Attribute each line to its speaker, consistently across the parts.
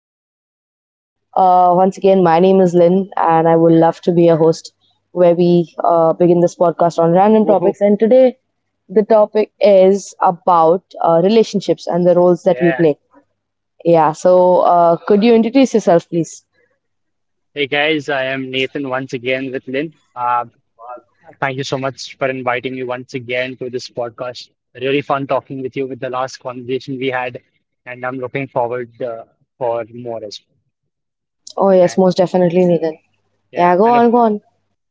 Speaker 1: After Hours. Once again, my name is Lynn, and I would love to be a host where we begin this podcast on random
Speaker 2: Woohoo.
Speaker 1: topics. And today, the topic is about relationships and the roles that we
Speaker 2: Yeah.
Speaker 1: play. Yeah, so could you introduce yourself, please?
Speaker 2: Hey guys, I am Nathan once again with Lynn. Thank you so much for inviting me once again to this podcast. Really fun talking with you with the last conversation we had, and I'm looking forward for more as
Speaker 1: Oh,
Speaker 2: well.
Speaker 1: yes,
Speaker 2: And,
Speaker 1: most definitely,
Speaker 2: uh,
Speaker 1: Nathan.
Speaker 2: yeah,
Speaker 1: Yeah, go
Speaker 2: and
Speaker 1: on, go on.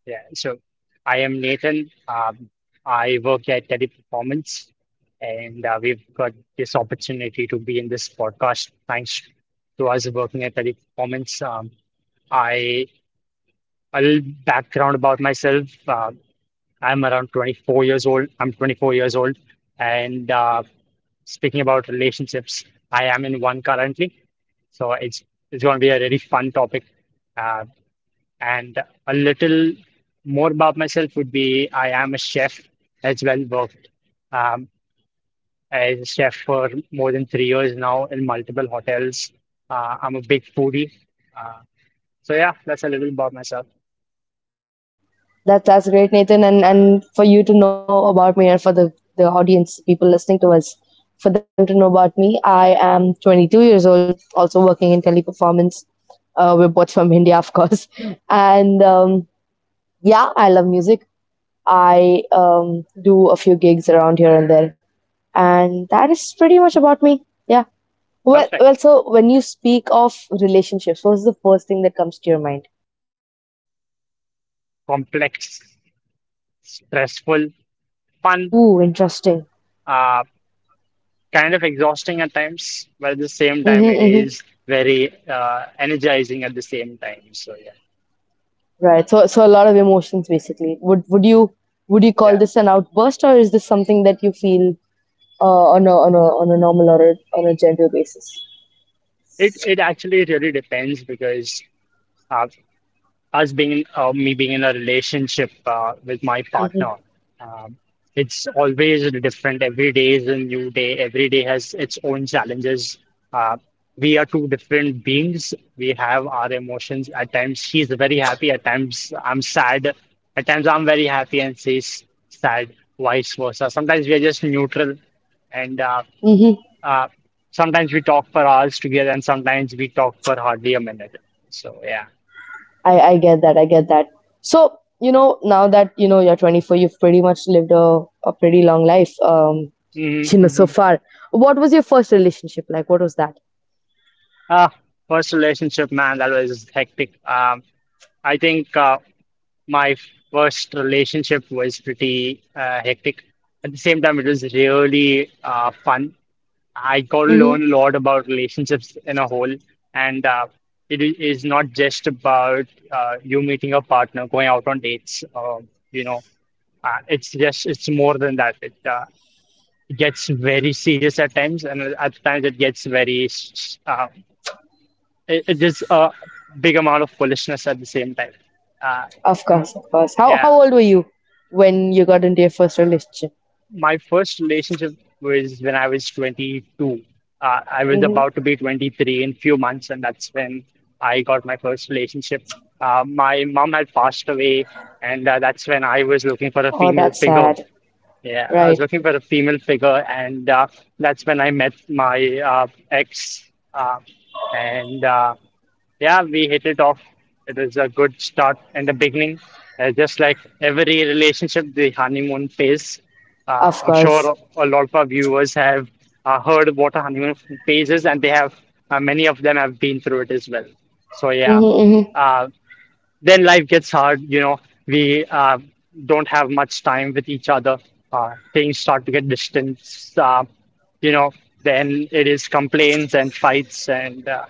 Speaker 2: yeah. So I am Nathan. I work at Teleperformance, and we've got this opportunity to be in this podcast thanks to us working at Teleperformance. I. A little background about myself. I'm around 24 years old. I'm 24 years old. And speaking about relationships, I am in one currently. So it's going to be a really fun topic. Uh, and a little more about myself would be I am a chef as well, worked um, as a chef for more than 3 years now in multiple hotels. I'm a big foodie. Uh, so yeah, that's a little about myself.
Speaker 1: That's great, Nathan, and for you to know about me and for the audience, people listening to us, for them to know about me. I am 22 years old, also working in teleperformance. We're both from India, of course, and yeah, I love music. I do a few gigs around here and there, and that is pretty much about me. Yeah. Well,
Speaker 2: Perfect.
Speaker 1: well. So when you speak of relationships, what's the first thing that comes to your mind?
Speaker 2: Complex, stressful, fun,
Speaker 1: Ooh, interesting.
Speaker 2: uh, kind of exhausting at times, but at the same time,
Speaker 1: Mm-hmm,
Speaker 2: it
Speaker 1: mm-hmm.
Speaker 2: is very energizing at the same time. So yeah,
Speaker 1: Right. So a lot of emotions basically. Would you would you call
Speaker 2: yeah,
Speaker 1: this an outburst, or is this something that you feel on a on a normal on a general basis?
Speaker 2: it it actually really depends because. Uh, me being in a relationship with my partner. Um, it's always different. Every day is a new day. Every day has its own challenges. Uh, we are two different beings. We have our emotions. At times, she's very happy. At times, I'm sad. At times, I'm very happy and she's sad, vice versa. Sometimes we are just neutral, and
Speaker 1: Mm-hmm.
Speaker 2: uh, sometimes we talk for hours together, and sometimes we talk for hardly a minute. So yeah.
Speaker 1: I get that. I get that. So you know now that you know you're 24, you've pretty much lived a pretty long life.
Speaker 2: Mhm,
Speaker 1: You know so
Speaker 2: mhm.
Speaker 1: far. What was your first relationship like? What was that?
Speaker 2: Uh, First relationship, man, that was hectic. I think my first relationship was pretty hectic. At the same time, it was really fun. I got to
Speaker 1: Mm-hmm.
Speaker 2: learn a lot about relationships in a whole, and is not just about you meeting a partner, going out on dates. It's more than that. It gets very serious at times, and at times it gets very s- s- it, it is a big amount of foolishness at the same time. Uh,
Speaker 1: Of course, of course. How
Speaker 2: yeah,
Speaker 1: how old were you when you got into your first relationship?
Speaker 2: my first relationship was when I was 22. I was
Speaker 1: Mm-hmm.
Speaker 2: about to be 23 in few months, and that's when I got my first relationship. My mom had passed away, and that's when I was looking for a
Speaker 1: Oh,
Speaker 2: female
Speaker 1: that's
Speaker 2: figure.
Speaker 1: sad.
Speaker 2: Yeah, I was
Speaker 1: Right.
Speaker 2: looking for a female figure, and that's when I met my ex. And Yeah, we hit it off. It is a good start in the beginning. Just like every relationship, the honeymoon phase.
Speaker 1: Of
Speaker 2: I'm
Speaker 1: course.
Speaker 2: sure a lot of our viewers have heard what a honeymoon phase is, and they have many of them have been through it as well. So yeah,
Speaker 1: Mm-hmm, mm-hmm.
Speaker 2: uh, then life gets hard. You know, we don't have much time with each other. Things start to get distant. Uh, you know, then it is complaints and fights and uh,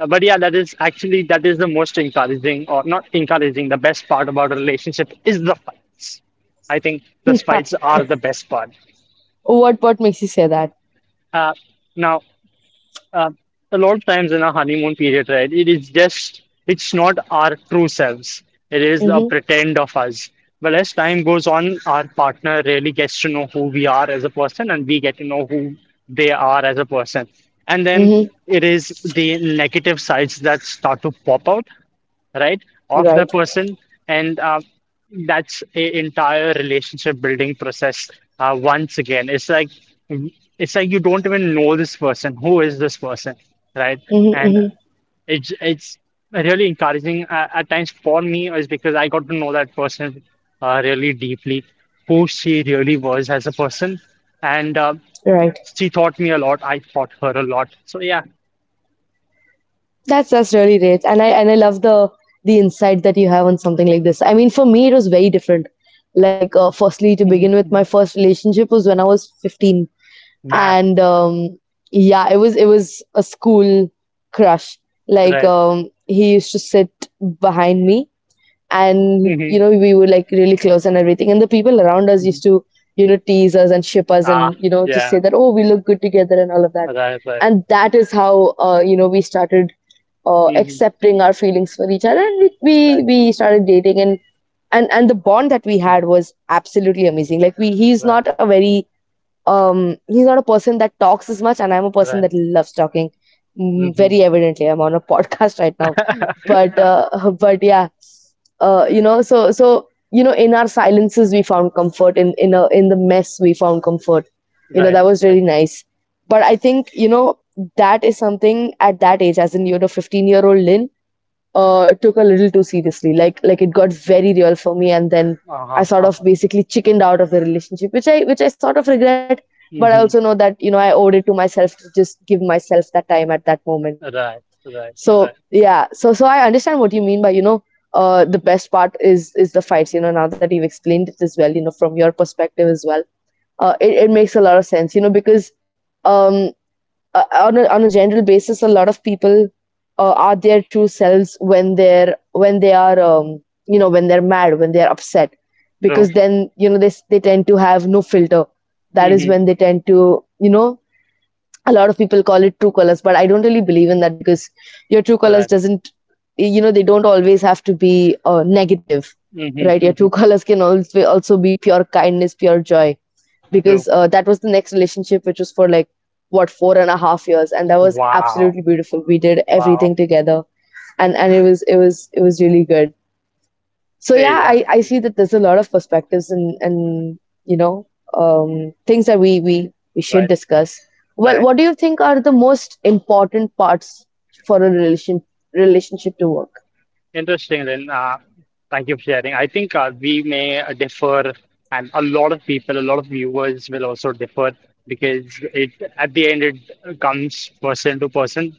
Speaker 2: uh, but yeah, that is actually that is the most encouraging or not encouraging. The best part about a relationship is the fights. I think the
Speaker 1: Huh.
Speaker 2: fights are the best part.
Speaker 1: What makes you say that?
Speaker 2: Uh, now, uh, a lot of times in our honeymoon period, right? It is just it's not our true selves. It is a
Speaker 1: Mm-hmm.
Speaker 2: pretend of us. But as time goes on, our partner really gets to know who we are as a person, and we get to know who they are as a person. And then
Speaker 1: Mm-hmm.
Speaker 2: it is the negative sides that start to pop out, right, of the
Speaker 1: Right.
Speaker 2: person. And that's a entire relationship building process once again. It's like you don't even know this person. Who is this person, right?
Speaker 1: Mm-hmm,
Speaker 2: And
Speaker 1: mm-hmm.
Speaker 2: it's really encouraging at times for me is because I got to know that person really deeply, who she really was as a person, and
Speaker 1: Right.
Speaker 2: she taught me a lot. I taught her a lot. So yeah.
Speaker 1: That's really great. And I love the insight that you have on something like this. I mean, for me it was very different. Like firstly to begin with, my
Speaker 2: Hmm,
Speaker 1: first relationship was when I was 15,
Speaker 2: math,
Speaker 1: and yeah, it was a school crush. Like
Speaker 2: right?
Speaker 1: he used to sit behind me, and
Speaker 2: Hmm.
Speaker 1: you know we were like really close and everything, and the people around us used to you know tease us and ship us
Speaker 2: Ah,
Speaker 1: and you know just say
Speaker 2: yeah.
Speaker 1: that oh we look good together and all of that.
Speaker 2: Right, right.
Speaker 1: And that is how you know we started
Speaker 2: Mm-hmm.
Speaker 1: accepting our feelings for each other, and we, we
Speaker 2: Right.
Speaker 1: we started dating. And the bond that we
Speaker 2: Mm-hmm.
Speaker 1: had was absolutely amazing. Like we he's
Speaker 2: Right.
Speaker 1: not a very he's not a person that talks as much, and I'm a person
Speaker 2: Right.
Speaker 1: that loves talking. Mm, very
Speaker 2: Mm-hmm.
Speaker 1: evidently I'm on a podcast right now, but yeah, you know, so you know in our silences we found comfort, in in the mess we found comfort. You know
Speaker 2: right.
Speaker 1: that was
Speaker 2: Right.
Speaker 1: really nice. But I think you know that is something at that age, as in you know 15-year-old Lynn took a little too seriously. Like it got very real for me, and then I
Speaker 2: Uh-huh,
Speaker 1: sort of
Speaker 2: uh-huh.
Speaker 1: basically chickened out of the relationship, which I sort of regret. But I
Speaker 2: Mm-hmm.
Speaker 1: also know that you know I owed it to myself to just give myself that time at that moment.
Speaker 2: Right, right,
Speaker 1: So
Speaker 2: right.
Speaker 1: yeah, so I understand what you mean by you know the best part is the fights. You know now that you've explained it as well, you know from your perspective as well, it it makes a lot of sense. You know because um on on a general basis, a lot of people are their true selves when they're when they are you know when they're mad, when they're upset,
Speaker 2: True.
Speaker 1: because then you know they tend to have no filter. That is
Speaker 2: Mm-hmm.
Speaker 1: when they tend to you know a lot of people call it true colors, but I don't really believe in that, because your true colors
Speaker 2: Right.
Speaker 1: doesn't you know they don't always have to be negative,
Speaker 2: Mm-hmm,
Speaker 1: right? Your true
Speaker 2: mm-hmm.
Speaker 1: colors can also be pure kindness, pure joy, because
Speaker 2: True.
Speaker 1: that was the next relationship, which was for like what, four and a half years, and that was
Speaker 2: Wow,
Speaker 1: absolutely beautiful. We did
Speaker 2: wow.
Speaker 1: everything together, and it was really good. So
Speaker 2: Hey,
Speaker 1: yeah,
Speaker 2: man.
Speaker 1: I see
Speaker 2: Mhm.
Speaker 1: that there's a lot of perspectives, and you know things that we should
Speaker 2: Right,
Speaker 1: discuss. Well,
Speaker 2: right.
Speaker 1: what do you think are the most important parts for a relationship to work?
Speaker 2: Interesting. Thank you for sharing. I think we may differ, and a lot of people, a lot of viewers will also differ because it, at the end, it comes person to person.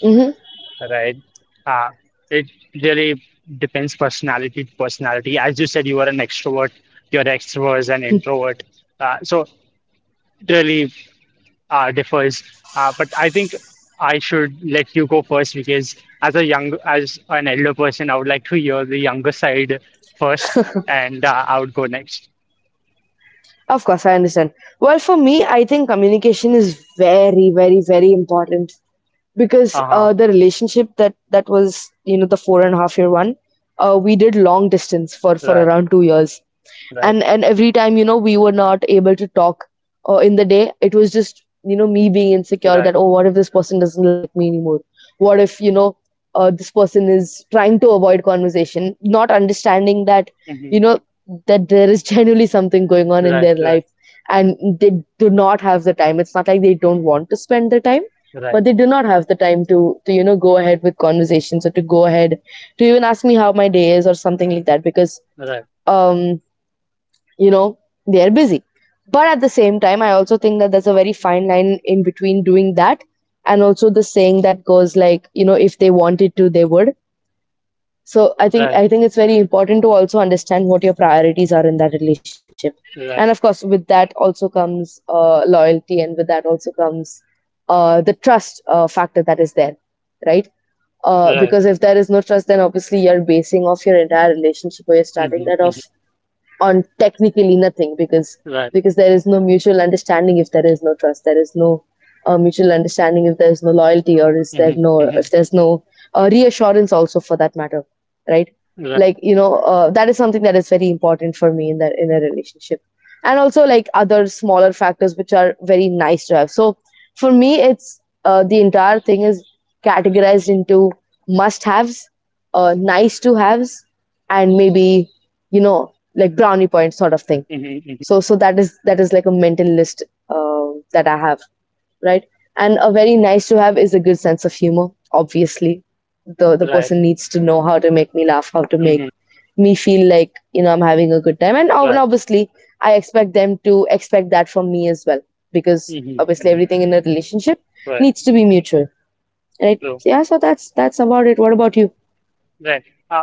Speaker 1: Mhm.
Speaker 2: Right. Uh, it really depends personality to personality. As you said, you are an extrovert, your extrovert is an introvert. So it really differs. But I think I should let you go first because as a young, as an elder person, I would like to hear the younger side first, and I would go next.
Speaker 1: Of course, I understand. Well, for me, I think communication is very, very, very important, because
Speaker 2: Uh-huh.
Speaker 1: the relationship that was, you know, the four and a half year one, we did long distance for
Speaker 2: Right,
Speaker 1: around 2 years.
Speaker 2: right,
Speaker 1: And every time you know we were not able to talk in the day, it was just you know me being insecure
Speaker 2: right.
Speaker 1: that oh what if this person doesn't like me anymore, what if you know this person is trying to avoid conversation, not understanding that
Speaker 2: Hmm.
Speaker 1: you know that there is genuinely something going on in
Speaker 2: Right,
Speaker 1: their
Speaker 2: right,
Speaker 1: life, and they do not have the time. It's not like they don't want to spend the time, but
Speaker 2: right,
Speaker 1: they do not have the time to you know go ahead with conversations, or to go ahead to even ask me how my day is or something like that, because
Speaker 2: right,
Speaker 1: um you know they're busy. But at the same time I also think that there's a very fine line in between doing that and also the saying that goes like, you know, if they wanted to they would. So i think
Speaker 2: right,
Speaker 1: i think it's very important to also understand what your priorities are in that relationship. And
Speaker 2: right,
Speaker 1: of course with that also comes loyalty, and with that also comes the trust factor that is there, right?
Speaker 2: right.
Speaker 1: Because if there is no trust, then obviously you're basing off your entire relationship, or you're
Speaker 2: Hmm,
Speaker 1: starting that
Speaker 2: hmm.
Speaker 1: off on technically nothing, because
Speaker 2: Right.
Speaker 1: there is no mutual understanding. If there is no trust, there is no mutual understanding. If there is no loyalty, or is there
Speaker 2: Hmm,
Speaker 1: no
Speaker 2: hmm.
Speaker 1: if there's no reassurance also for that matter, right?
Speaker 2: Right.
Speaker 1: Like you know that is something that is very important for me in that in a relationship. And also like other smaller factors which are very nice to have. So for me it's the entire thing is categorized into must haves, nice to haves, and maybe, you know, like brownie point sort of thing.
Speaker 2: Hmm, hmm.
Speaker 1: So that is like a mental list uh, that I have, right? And a very nice to have is a good sense of humor, obviously. The
Speaker 2: Right.
Speaker 1: person needs to know how to make me laugh, how to
Speaker 2: Hmm.
Speaker 1: make me feel like you know I'm having a good time. and ob-
Speaker 2: Right.
Speaker 1: and obviously I expect them to expect that from me as well, because
Speaker 2: Hmm,
Speaker 1: obviously
Speaker 2: hmm.
Speaker 1: everything in a relationship
Speaker 2: Right.
Speaker 1: needs to be mutual, right?
Speaker 2: So,
Speaker 1: Yeah, so that's about it. What about you?
Speaker 2: right. Uh,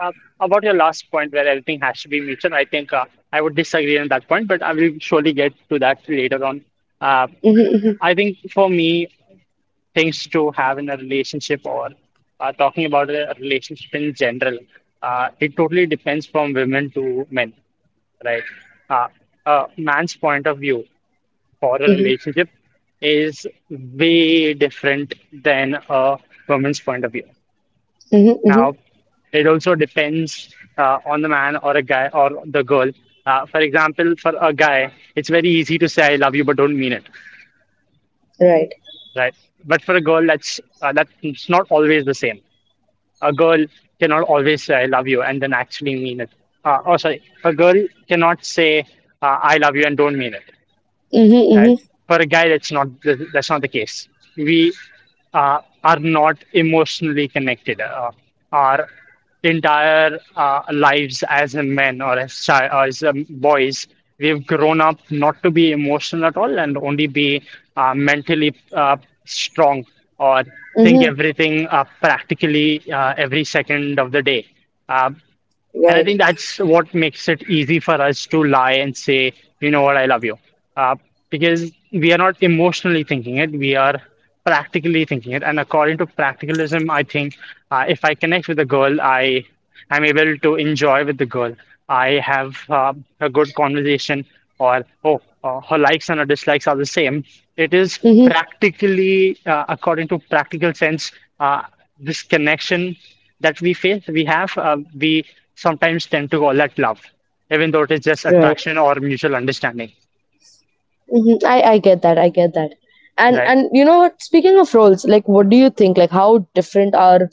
Speaker 2: uh, about your last point where everything has to be mutual, I think I would disagree on that point, but I will surely get to that later on. Uh,
Speaker 1: Mm-hmm,
Speaker 2: I think for me, things to have in a relationship or talking about a relationship in general, it totally depends from women to men, right? Uh, a man's point of view for a
Speaker 1: mm-hmm, mm-hmm,
Speaker 2: relationship is way different than a woman's point of view.
Speaker 1: mm-hmm, mm-hmm.
Speaker 2: Now, it also depends on the man or a guy or the girl. For example, for a guy, it's very easy to say "I love you" but don't mean it,
Speaker 1: Right.
Speaker 2: right? But for a girl, that's not always the same. A girl cannot always say "I love you" and then actually mean it. Oh, sorry, a girl cannot say "I love you" and don't mean it.
Speaker 1: Mm-hmm,
Speaker 2: Right?
Speaker 1: mm-hmm,
Speaker 2: For a guy, that's not the case. We are not emotionally connected. Our entire lives as a men or as boys, we've grown up not to be emotional at all and only be mentally strong or think
Speaker 1: mm-hmm,
Speaker 2: everything practically every second of the day. Uh, and I
Speaker 1: right.
Speaker 2: think that's what makes it easy for us to lie and say, you know what, I love you. Uh, because we are not emotionally thinking it, we are practically thinking it. And according to practicalism, I think if I connect with a girl, I am able to enjoy with the girl. I have a good conversation, or oh, her likes and her dislikes are the same. It is
Speaker 1: Mm-hmm.
Speaker 2: practically, according to practical sense, uh, this connection that we have, we sometimes tend to call that love, even though it is just
Speaker 1: Right.
Speaker 2: attraction or mutual understanding,
Speaker 1: Mm-hmm. I get that. I get that.
Speaker 2: right?
Speaker 1: And you know what? Speaking of roles, like what do you think? Like how different are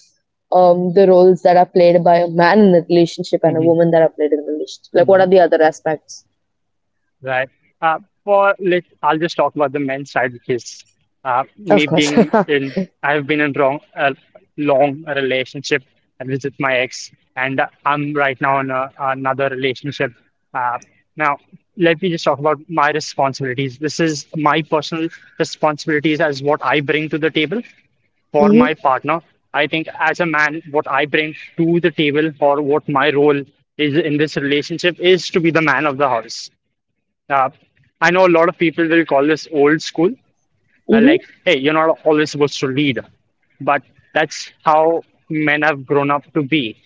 Speaker 1: the roles that are played by a man in a relationship and a
Speaker 2: Hmm.
Speaker 1: woman that are played in a relationship? Like what are the other aspects?
Speaker 2: Right. Uh, I'll just talk about the men's side because uh, me
Speaker 1: Of course.
Speaker 2: being
Speaker 1: Mm-hmm.
Speaker 2: in, I've been in wrong a long relationship with my ex, and I'm right now in another relationship. Uh, now, Let me just talk about my responsibilities. This is my personal responsibilities as what I bring to the table for my partner. I think as a man, what I bring to the table or what my role is in this relationship is to be the man of the house. uh, I know a lot of people will call this old school. Like,
Speaker 1: Mm-hmm.
Speaker 2: hey, you're not always supposed to lead. But that's how men have grown up to be.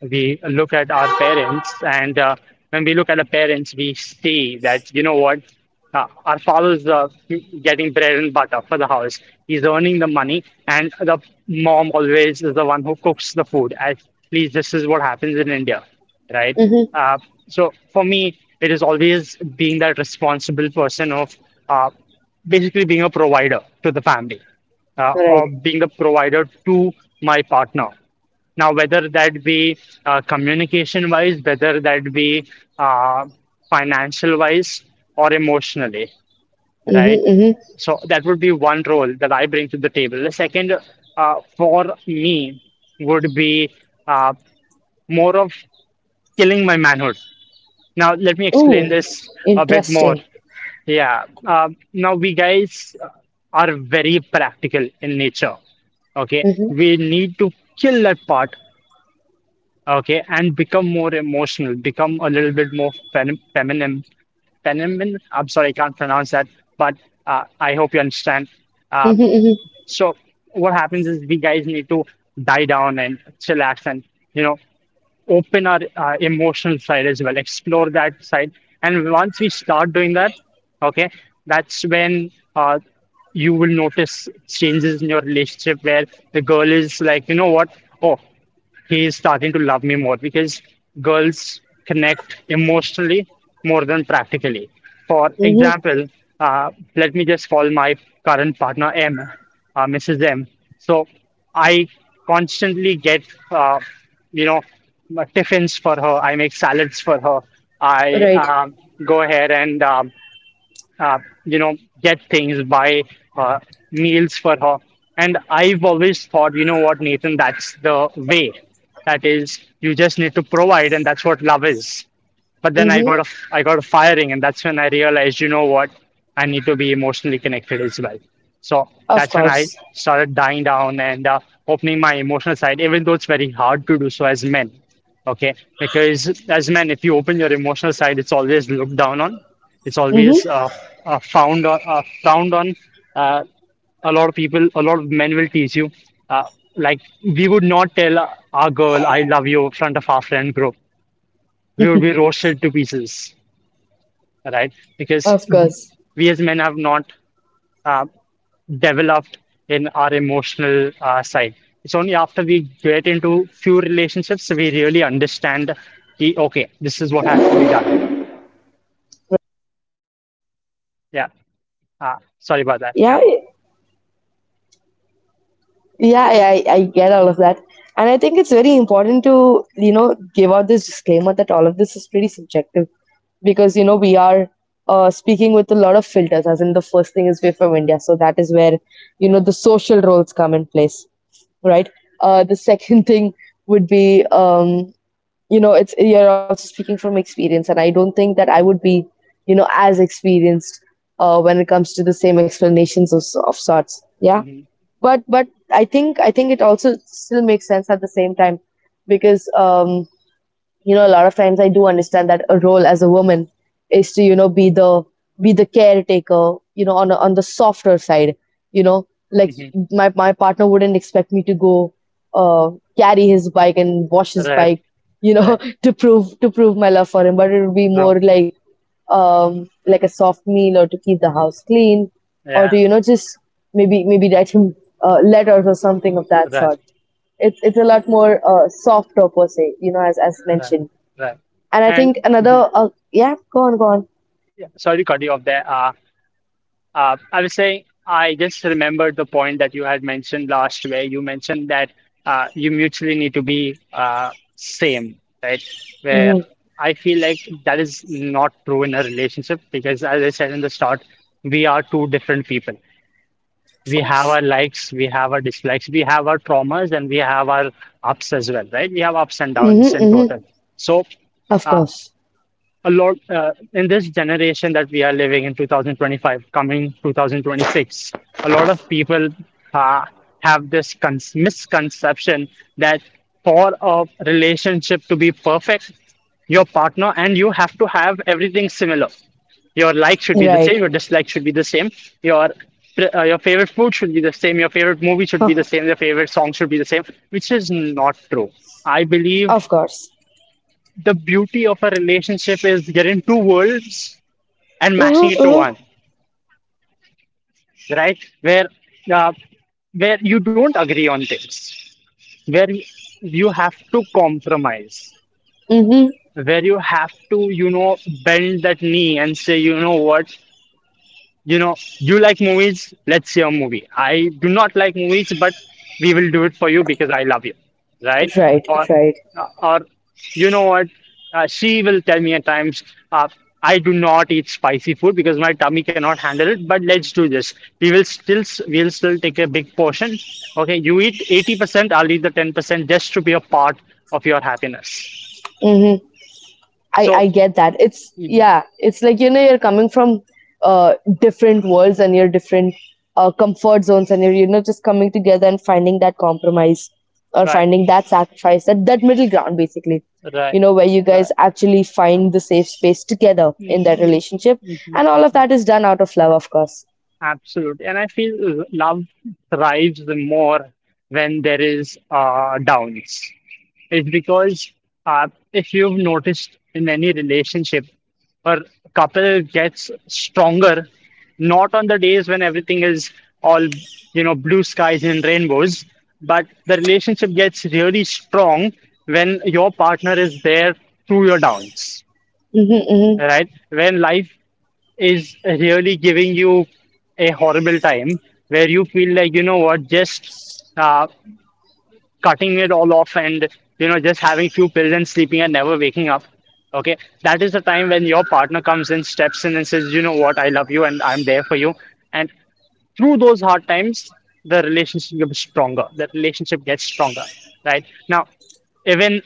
Speaker 2: We look at our parents, and when we look at our parents, we see that, you know what, our father's getting bread and butter for the house. He's earning the money, and the mom always is the one who cooks the food. At least this is what happens in India, right?
Speaker 1: Mm-hmm.
Speaker 2: Uh, so for me, it is always being that responsible person of uh, basically being a provider to the family,
Speaker 1: Right.
Speaker 2: of being the provider to my partner. Now, whether that be communication wise, whether that be uh, financial wise, or emotionally, right?
Speaker 1: Mm-hmm. Mm-hmm.
Speaker 2: So that would be one role that I bring to the table. The second, for me, would be uh, more of killing my manhood. Now, let me explain
Speaker 1: Ooh,
Speaker 2: this a bit more.
Speaker 1: interesting.
Speaker 2: Yeah. Now we guys are very practical in nature. Okay.
Speaker 1: Mm-hmm.
Speaker 2: We need to kill that part. Okay. And become more emotional, become a little bit more feminine. Feminine. I'm sorry, I can't pronounce that, but I hope you understand. Uh,
Speaker 1: Mm-hmm. Mm-hmm.
Speaker 2: so what happens is we guys need to die down and chillax and you know open our emotional side as well, explore that side. And once we start doing that, okay, that's when you will notice changes in your relationship where the girl is like, you know what? Oh, he is starting to love me more because girls connect emotionally more than practically. For
Speaker 1: Mm-hmm.
Speaker 2: example, let me just call my current partner M, Mrs. M. So I constantly get, uh, you know, tiffins for her. I make salads for her. I
Speaker 1: Right.
Speaker 2: um, go ahead and uh, you know, get things, buy uh, meals for her. And I've always thought, you know what, Nathan, that's the way. That is, you just need to provide, and that's what love is. But then
Speaker 1: Mm-hmm.
Speaker 2: I got a firing, and that's when I realized, you know what, I need to be emotionally connected as well. So
Speaker 1: Of
Speaker 2: that's when I
Speaker 1: course.
Speaker 2: started dying down and opening my emotional side, even though it's very hard to do so as men. Okay, because as men, if you open your emotional side, it's always looked down on, it's always
Speaker 1: Mm-hmm.
Speaker 2: uh, uh, found on, uh, frowned on. Uh, a lot of people, a lot of men will tease you. Uh, like we would not tell our girl "I love you" in front of our friend group. We would be roasted to pieces, right? Because
Speaker 1: Of course.
Speaker 2: we as men have not uh, developed in our emotional side. It's only after we get into few relationships we really understand. Okay, this is what has to be done. Yeah. Sorry about that. Yeah.
Speaker 1: Yeah. Yeah, I get all of that. And I think it's very important to, you know, give out this disclaimer that all of this is pretty subjective, because, you know, we are speaking with a lot of filters. As in, the first thing is we're from India, so that is where, you know, the social roles come in place, right? The second thing would be, you know, it's you're also speaking from experience. And I don't think that I would be, you know, as experienced when it comes to the same explanations of sorts. Yeah,
Speaker 2: Mm-hmm.
Speaker 1: but I think it also still makes sense at the same time because you know, a lot of times I do understand that a role as a woman is to, you know, be the caretaker, you know, on on the softer side, you know, like
Speaker 2: Mm-hmm.
Speaker 1: my partner wouldn't expect me to go uh, carry his bike and wash his
Speaker 2: Right.
Speaker 1: bike, you know,
Speaker 2: Right.
Speaker 1: to prove my love for him, but it would be
Speaker 2: Wrong.
Speaker 1: more like a soft meal or to keep the house clean or to,
Speaker 2: Yeah.
Speaker 1: you know, just maybe write him letters or something of that
Speaker 2: Right.
Speaker 1: sort. It's a lot more softer per se, you know, as
Speaker 2: Right.
Speaker 1: mentioned.
Speaker 2: Right.
Speaker 1: And I
Speaker 2: And
Speaker 1: think
Speaker 2: mhm.
Speaker 1: another yeah, go on.
Speaker 2: Yeah, sorry to cut you off there. I was saying, I just remembered the point that you had mentioned last, where you mentioned that you mutually need to be same, right? Where
Speaker 1: Hmm,
Speaker 2: I feel like that is not true in a relationship because, as I said in the start, we are two different people. We have our likes, we have our dislikes, we have our traumas, and we have our ups as well, right? We have ups and downs
Speaker 1: hmm,
Speaker 2: in
Speaker 1: hmm.
Speaker 2: total. So,
Speaker 1: Of
Speaker 2: uh,
Speaker 1: course.
Speaker 2: a lot in this generation that we are living in, 2025 coming 2026, a lot of people uh, have this misconception that for a relationship to be perfect, your partner and you have to have everything similar. Your like should be the same,
Speaker 1: Right.
Speaker 2: your dislike should be the same, your your favorite food should be the same, your favorite movie should be the same, your favorite song should be the same, which is not true, I
Speaker 1: Of
Speaker 2: believe.
Speaker 1: course.
Speaker 2: The beauty of a relationship is getting two worlds and mashing
Speaker 1: Mm-hmm,
Speaker 2: it to
Speaker 1: mm-hmm.
Speaker 2: one, right? Uh, where you don't agree on things, where you have to compromise,
Speaker 1: Mm-hmm.
Speaker 2: where you have to, you know, bend that knee and say, you know what, you know, you like movies, let's see a movie. I do not like movies, but we will do it for you because I love you, right?
Speaker 1: right
Speaker 2: Or,
Speaker 1: right
Speaker 2: or you know what? She will tell me at times, uh, I do not eat spicy food because my tummy cannot handle it. But let's do this. We will still, we will still take a big portion. Okay, you eat 80%, I'll eat the 10% just to be a part of your happiness.
Speaker 1: Mm-hmm. I
Speaker 2: So,
Speaker 1: I get that. It's,
Speaker 2: mhm,
Speaker 1: yeah. It's like, you know, you're coming from uh different worlds and your different comfort zones, and you're, you know, just coming together and finding that compromise or
Speaker 2: right,
Speaker 1: finding that sacrifice, that middle ground basically. You
Speaker 2: right,
Speaker 1: know, where you guys
Speaker 2: right.
Speaker 1: actually find the safe space together in that
Speaker 2: Mhm,
Speaker 1: relationship,
Speaker 2: mhm,
Speaker 1: and all of
Speaker 2: mhm.
Speaker 1: that is done out of love, of course.
Speaker 2: Absolutely. And I feel love thrives more when there is downs. It's because, if you've noticed in any relationship or couple gets stronger, not on the days when everything is all, you know, blue skies and rainbows, but the relationship gets really strong when your partner is there through your downs,
Speaker 1: Mm-hmm, mm-hmm.
Speaker 2: right? When life is really giving you a horrible time, where you feel like, you know what, just uh, cutting it all off and, you know, just having few pills and sleeping and never waking up. Okay, that is the time when your partner comes in, steps in and says, you know what, I love you and I'm there for you, and through those hard times the relationship gets stronger, the relationship gets stronger. Right now, even,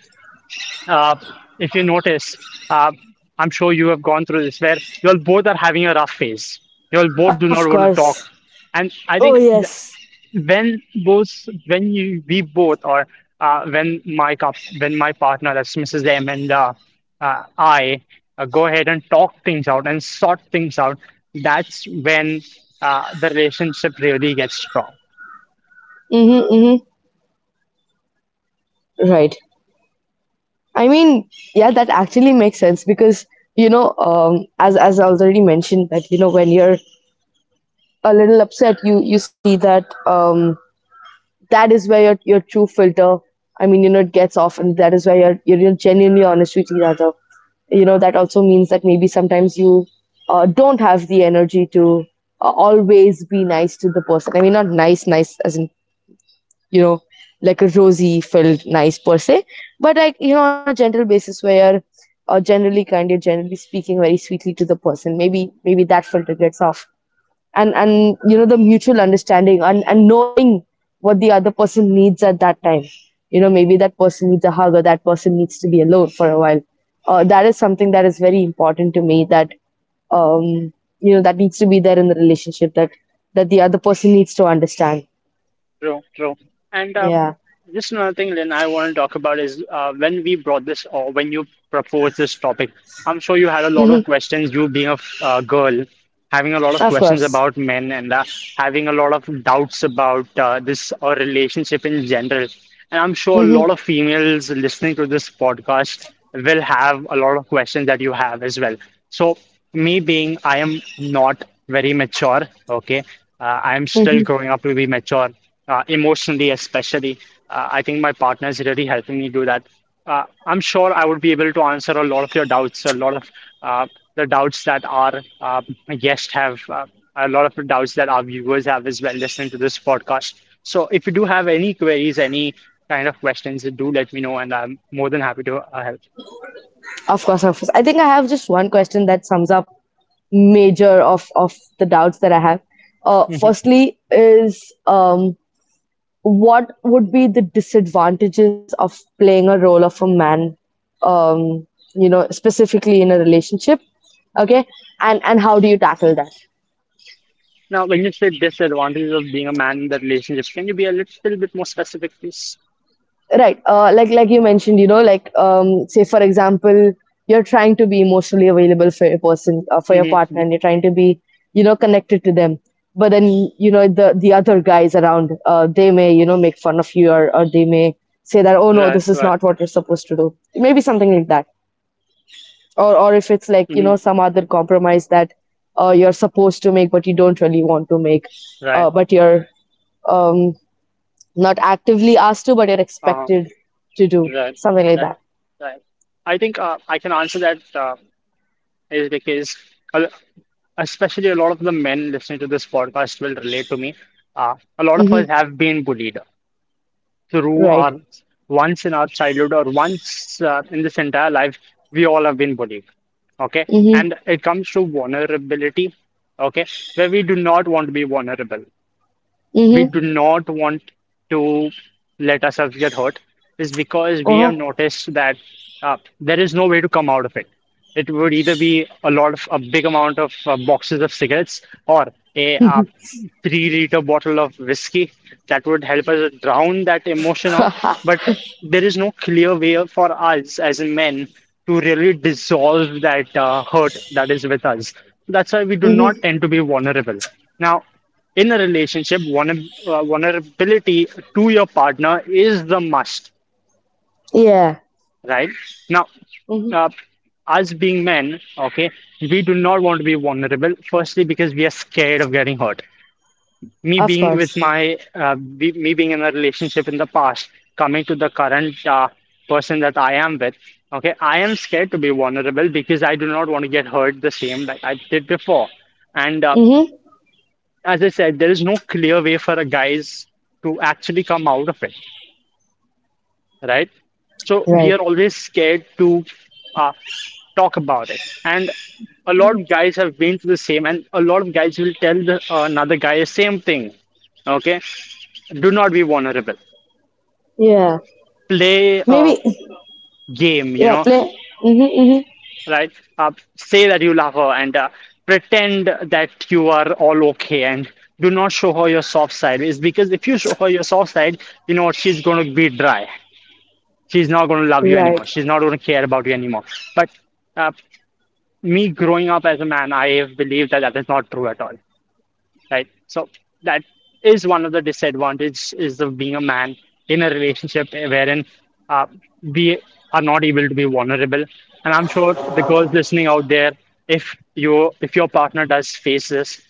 Speaker 2: uh, if you notice, uh, I'm sure you have gone through this where you all both are having a rough phase. You all both do not
Speaker 1: Of
Speaker 2: want to talk,
Speaker 1: course.
Speaker 2: and
Speaker 1: Oh yes.
Speaker 2: when both, when you we both or when my cup when my partner, that's Mrs. M, and I go ahead and talk things out and sort things out, that's when the relationship really gets strong.
Speaker 1: Mm-hmm, mm-hmm. Right. I mean, yeah, that actually makes sense because, you know, as I already mentioned, that, you know, when you're a little upset, you see that that is where your true filter. I mean, you know, it gets off, and that is where you're you're genuinely honest with each other. You know, that also means that maybe sometimes you don't have the energy to always be nice to the person. I mean, not nice, nice as in, you know, like a rosy felt nice per se, but like, you know, on a general basis where you're generally kind, you're generally speaking very sweetly to the person. Maybe that filter gets off. And you know, the mutual understanding and knowing what the other person needs at that time. You know, maybe that person needs a hug or that person needs to be alone for a while. That is something that is very important to me that, um, you know, that needs to be there in the relationship, that, that the other person needs to understand.
Speaker 2: True, true. And
Speaker 1: Yeah.
Speaker 2: just another thing, Lynn, I want to talk about is, when we brought this or when you proposed this topic, I'm sure you had a lot
Speaker 1: Mhm.
Speaker 2: of questions, you being a girl, having a lot of
Speaker 1: Of
Speaker 2: questions
Speaker 1: course.
Speaker 2: about men and having a lot of doubts about this or relationship in general. And I'm sure a
Speaker 1: Hmm,
Speaker 2: lot of females listening to this podcast will have a lot of questions that you have as well. So, I am not very mature, okay? I'm
Speaker 1: hmm.
Speaker 2: still growing up to be mature emotionally, especially. I think my partner is really helping me do that. I'm sure I would be able to answer a lot of your doubts, a lot of uh, the doubts that our guests have, a lot of the doubts that our viewers have as well, listening to this podcast. So if you do have any queries, any kind of questions, do let me know, and I'm more than happy to help.
Speaker 1: Of course, of course. I think I have just one question that sums up major of the doubts that I have.
Speaker 2: Mhm.
Speaker 1: Firstly, is um, what would be the disadvantages of playing a role of a man? Um, you know, specifically in a relationship. Okay, and how do you tackle that?
Speaker 2: Now, when you say disadvantages of being a man in the relationships, can you be a little bit more specific, please?
Speaker 1: Right. Like you mentioned, you know, like say for example, you're trying to be emotionally available for your person, for your
Speaker 2: Hmm,
Speaker 1: partner, and you're trying to be, you know, connected to them. But then, you know, the other guys around, they may, you know, make fun of you, or they may say that, oh no,
Speaker 2: right,
Speaker 1: this is
Speaker 2: right,
Speaker 1: not what you're supposed to do. Maybe something like that, or if it's like, you
Speaker 2: hmm,
Speaker 1: know, some other compromise that you're supposed to make but you don't really want to make,
Speaker 2: right.
Speaker 1: but you're um, not actively asked to, but you're expected to do
Speaker 2: Right,
Speaker 1: something like
Speaker 2: right,
Speaker 1: that.
Speaker 2: right. I think I can answer that, is because, a- especially a lot of the men listening to this podcast will relate to me. A lot of us
Speaker 1: Hmm.
Speaker 2: have been bullied through
Speaker 1: Right.
Speaker 2: our, once in our childhood or once in this entire life, we all have been bullied. Okay,
Speaker 1: Hmm,
Speaker 2: and it comes to vulnerability. Okay, where we do not want to be vulnerable, we
Speaker 1: hmm.
Speaker 2: do not want to let ourselves get hurt, is because we have
Speaker 1: Uh-huh.
Speaker 2: noticed that there is no way to come out of it. It would either be a lot of, a big amount of boxes of cigarettes or a 3 liter bottle of whiskey that would help us drown that emotion out. But there is no clear way for us as men to really dissolve that hurt that is with us. That's why we do
Speaker 1: Hmm.
Speaker 2: not tend to be vulnerable. Now, in a relationship, vulnerability to your partner is the must,
Speaker 1: Yeah.
Speaker 2: right? Now,
Speaker 1: Hmm.
Speaker 2: uh, us being men, okay, we do not want to be vulnerable. Firstly, because we are scared of getting hurt. Me
Speaker 1: Of
Speaker 2: being with
Speaker 1: course.
Speaker 2: my, be, me being in a relationship in the past, coming to the current person that I am with, okay, I am scared to be vulnerable because I do not want to get hurt the same like I did before. And
Speaker 1: Hmm.
Speaker 2: as I said, there is no clear way for a guys to actually come out of it, right? So we
Speaker 1: Right.
Speaker 2: are always scared to uh, talk about it, and a lot of guys have been through the same, and a lot of guys will tell the, another guy the same thing. Okay, do not be vulnerable.
Speaker 1: Yeah.
Speaker 2: Play a
Speaker 1: Maybe.
Speaker 2: game. You
Speaker 1: Yeah.
Speaker 2: know,
Speaker 1: Play. Hmm, hmm.
Speaker 2: right? Uh, Say that you love her and pretend that you are all okay and do not show her your soft side. Is because if you show her your soft side, you know what? She's going to be dry. She's not going to love you
Speaker 1: Right.
Speaker 2: anymore. She's not going to care about you anymore. But uh, me growing up as a man, I have believed that that is not true at all, right? So that is one of the disadvantages is of being a man in a relationship, wherein uh, we are not able to be vulnerable. And I'm sure the girls listening out there, if your partner does face this,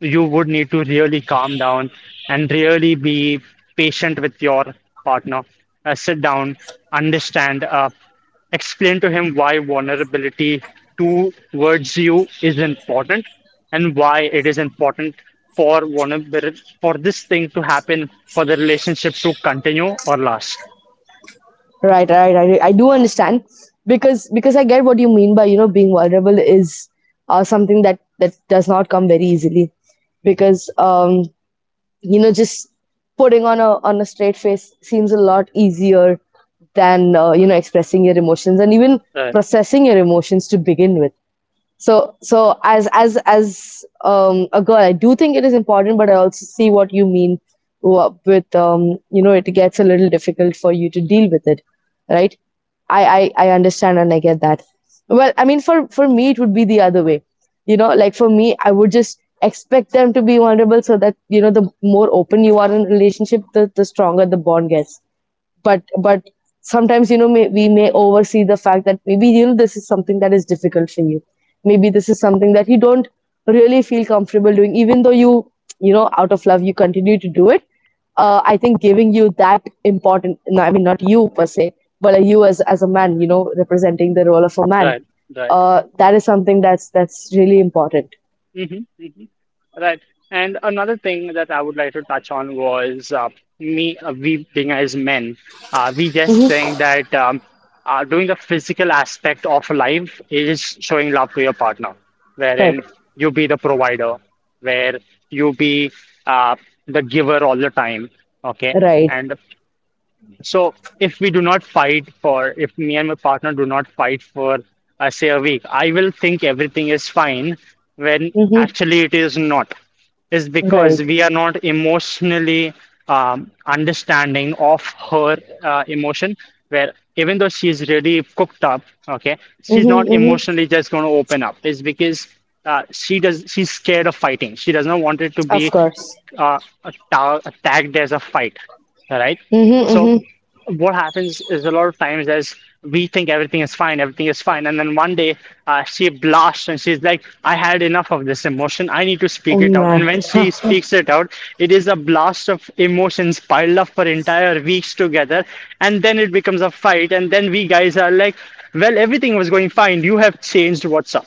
Speaker 2: you would need to really calm down and really be patient with your partner. Sit down, understand, explain to him why vulnerability towards you is important and why it is important for vulnerability, for this thing to happen for the relationship to continue or last.
Speaker 1: Right. I do understand because I get what you mean by, you know, being vulnerable is something that that does not come very easily because you know, just putting on a straight face seems a lot easier than you know, expressing your emotions and even
Speaker 2: Right,
Speaker 1: processing your emotions to begin with. So so as as a girl, I do think it is important, but I also see what you mean with you know, it gets a little difficult for you to deal with it. Right. I understand and I get that. Well, I mean, for me, it would be the other way. You know, like for me, I would just expect them to be vulnerable so that, you know, the more open you are in a relationship, the stronger the bond gets. But sometimes, you know, we may oversee the fact that maybe, you know, this is something that is difficult for you, maybe this is something that you don't really feel comfortable doing even though you know, out of love, you continue to do it. I think giving you that important, no, I mean not you per se, but you as a man, you know, representing the role of a man,
Speaker 2: right, right.
Speaker 1: that is something that's really important.
Speaker 2: Hmm, hmm. Right. And another thing that I would like to touch on was, we being as men, we just
Speaker 1: Hmm.
Speaker 2: think that doing the physical aspect of life is showing love to your partner,
Speaker 1: Right,
Speaker 2: wherein you be the provider, where you be uh, the giver all the time. Okay.
Speaker 1: right.
Speaker 2: And so if we do not fight for, if me and my partner do not fight for, say a week, I will think everything is fine when
Speaker 1: Mm-hmm.
Speaker 2: actually it is not. It's because
Speaker 1: Right.
Speaker 2: we are not emotionally understanding of her emotion. Where even though she's really cooked up, okay, she's
Speaker 1: Mm-hmm.
Speaker 2: not
Speaker 1: Mm-hmm.
Speaker 2: emotionally just going to open up. It's because she does. She's scared of fighting. She does not want it to
Speaker 1: Of
Speaker 2: be
Speaker 1: course.
Speaker 2: uh, tagged as a fight, right?
Speaker 1: Mm-hmm,
Speaker 2: So
Speaker 1: mm-hmm.
Speaker 2: what happens is a lot of times, as we think everything is fine, and then one day she blasts and she's like, "I had enough of this emotion. I need to
Speaker 1: Oh
Speaker 2: speak it out."
Speaker 1: man.
Speaker 2: And when she speaks it out, it is a blast of emotions piled up for entire weeks together, and then it becomes a fight. And then we guys are like, "Well, everything was going fine. You have changed. What's up?"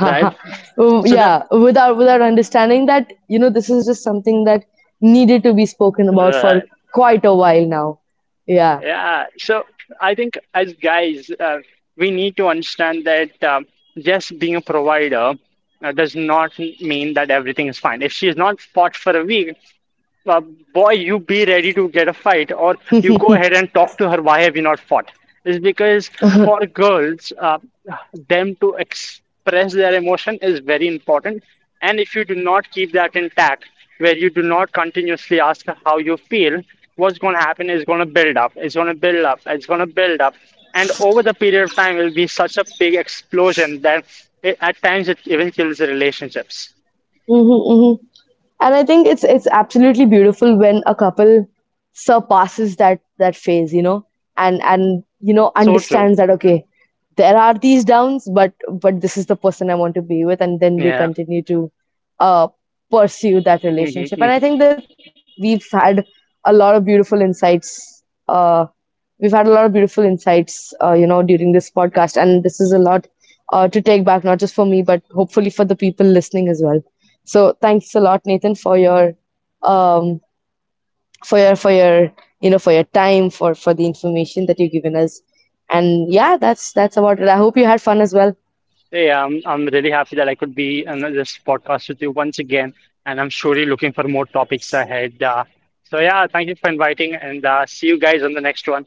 Speaker 2: Right?
Speaker 1: Oh,
Speaker 2: So
Speaker 1: yeah, without without understanding that, you know, this is just something that needed to be spoken about for
Speaker 2: that
Speaker 1: quite a while now. Yeah.
Speaker 2: Yeah, so I think as guys, we need to understand that just being a provider does not mean that everything is fine. If she is not fought for a week, uh, boy, you be ready to get a fight, or you go ahead and talk to her. Why have you not fought? Is because for girls, them to express their emotion is very important. And if you do not keep that intact, where you do not continuously ask her how you feel, what's going to happen is going to build up. It's going to build up. It's going to build up. And over the period of time, it will be such a big explosion that at times it even kills the relationships.
Speaker 1: Hmm, hmm. And I think it's absolutely beautiful when a couple surpasses that phase, you know, and you know,
Speaker 2: So true.
Speaker 1: understands that, okay, there are these downs, but this is the person I want to be with, and then they
Speaker 2: Yeah.
Speaker 1: continue to uh pursue that relationship. And I think that we've had a lot of beautiful insights uh we've had a lot of beautiful insights, you know, during this podcast, and this is a lot to take back, not just for me, but hopefully for the people listening as well. So thanks a lot, Nathan, for your um, for your you know, for your time, for the information that you've given us, and yeah, that's about it. I hope you had fun as well.
Speaker 2: Yeah, I'm really happy that I could be on this podcast with you once again, and I'm surely looking for more topics ahead. So, yeah, thank you for inviting, and see you guys on the next one.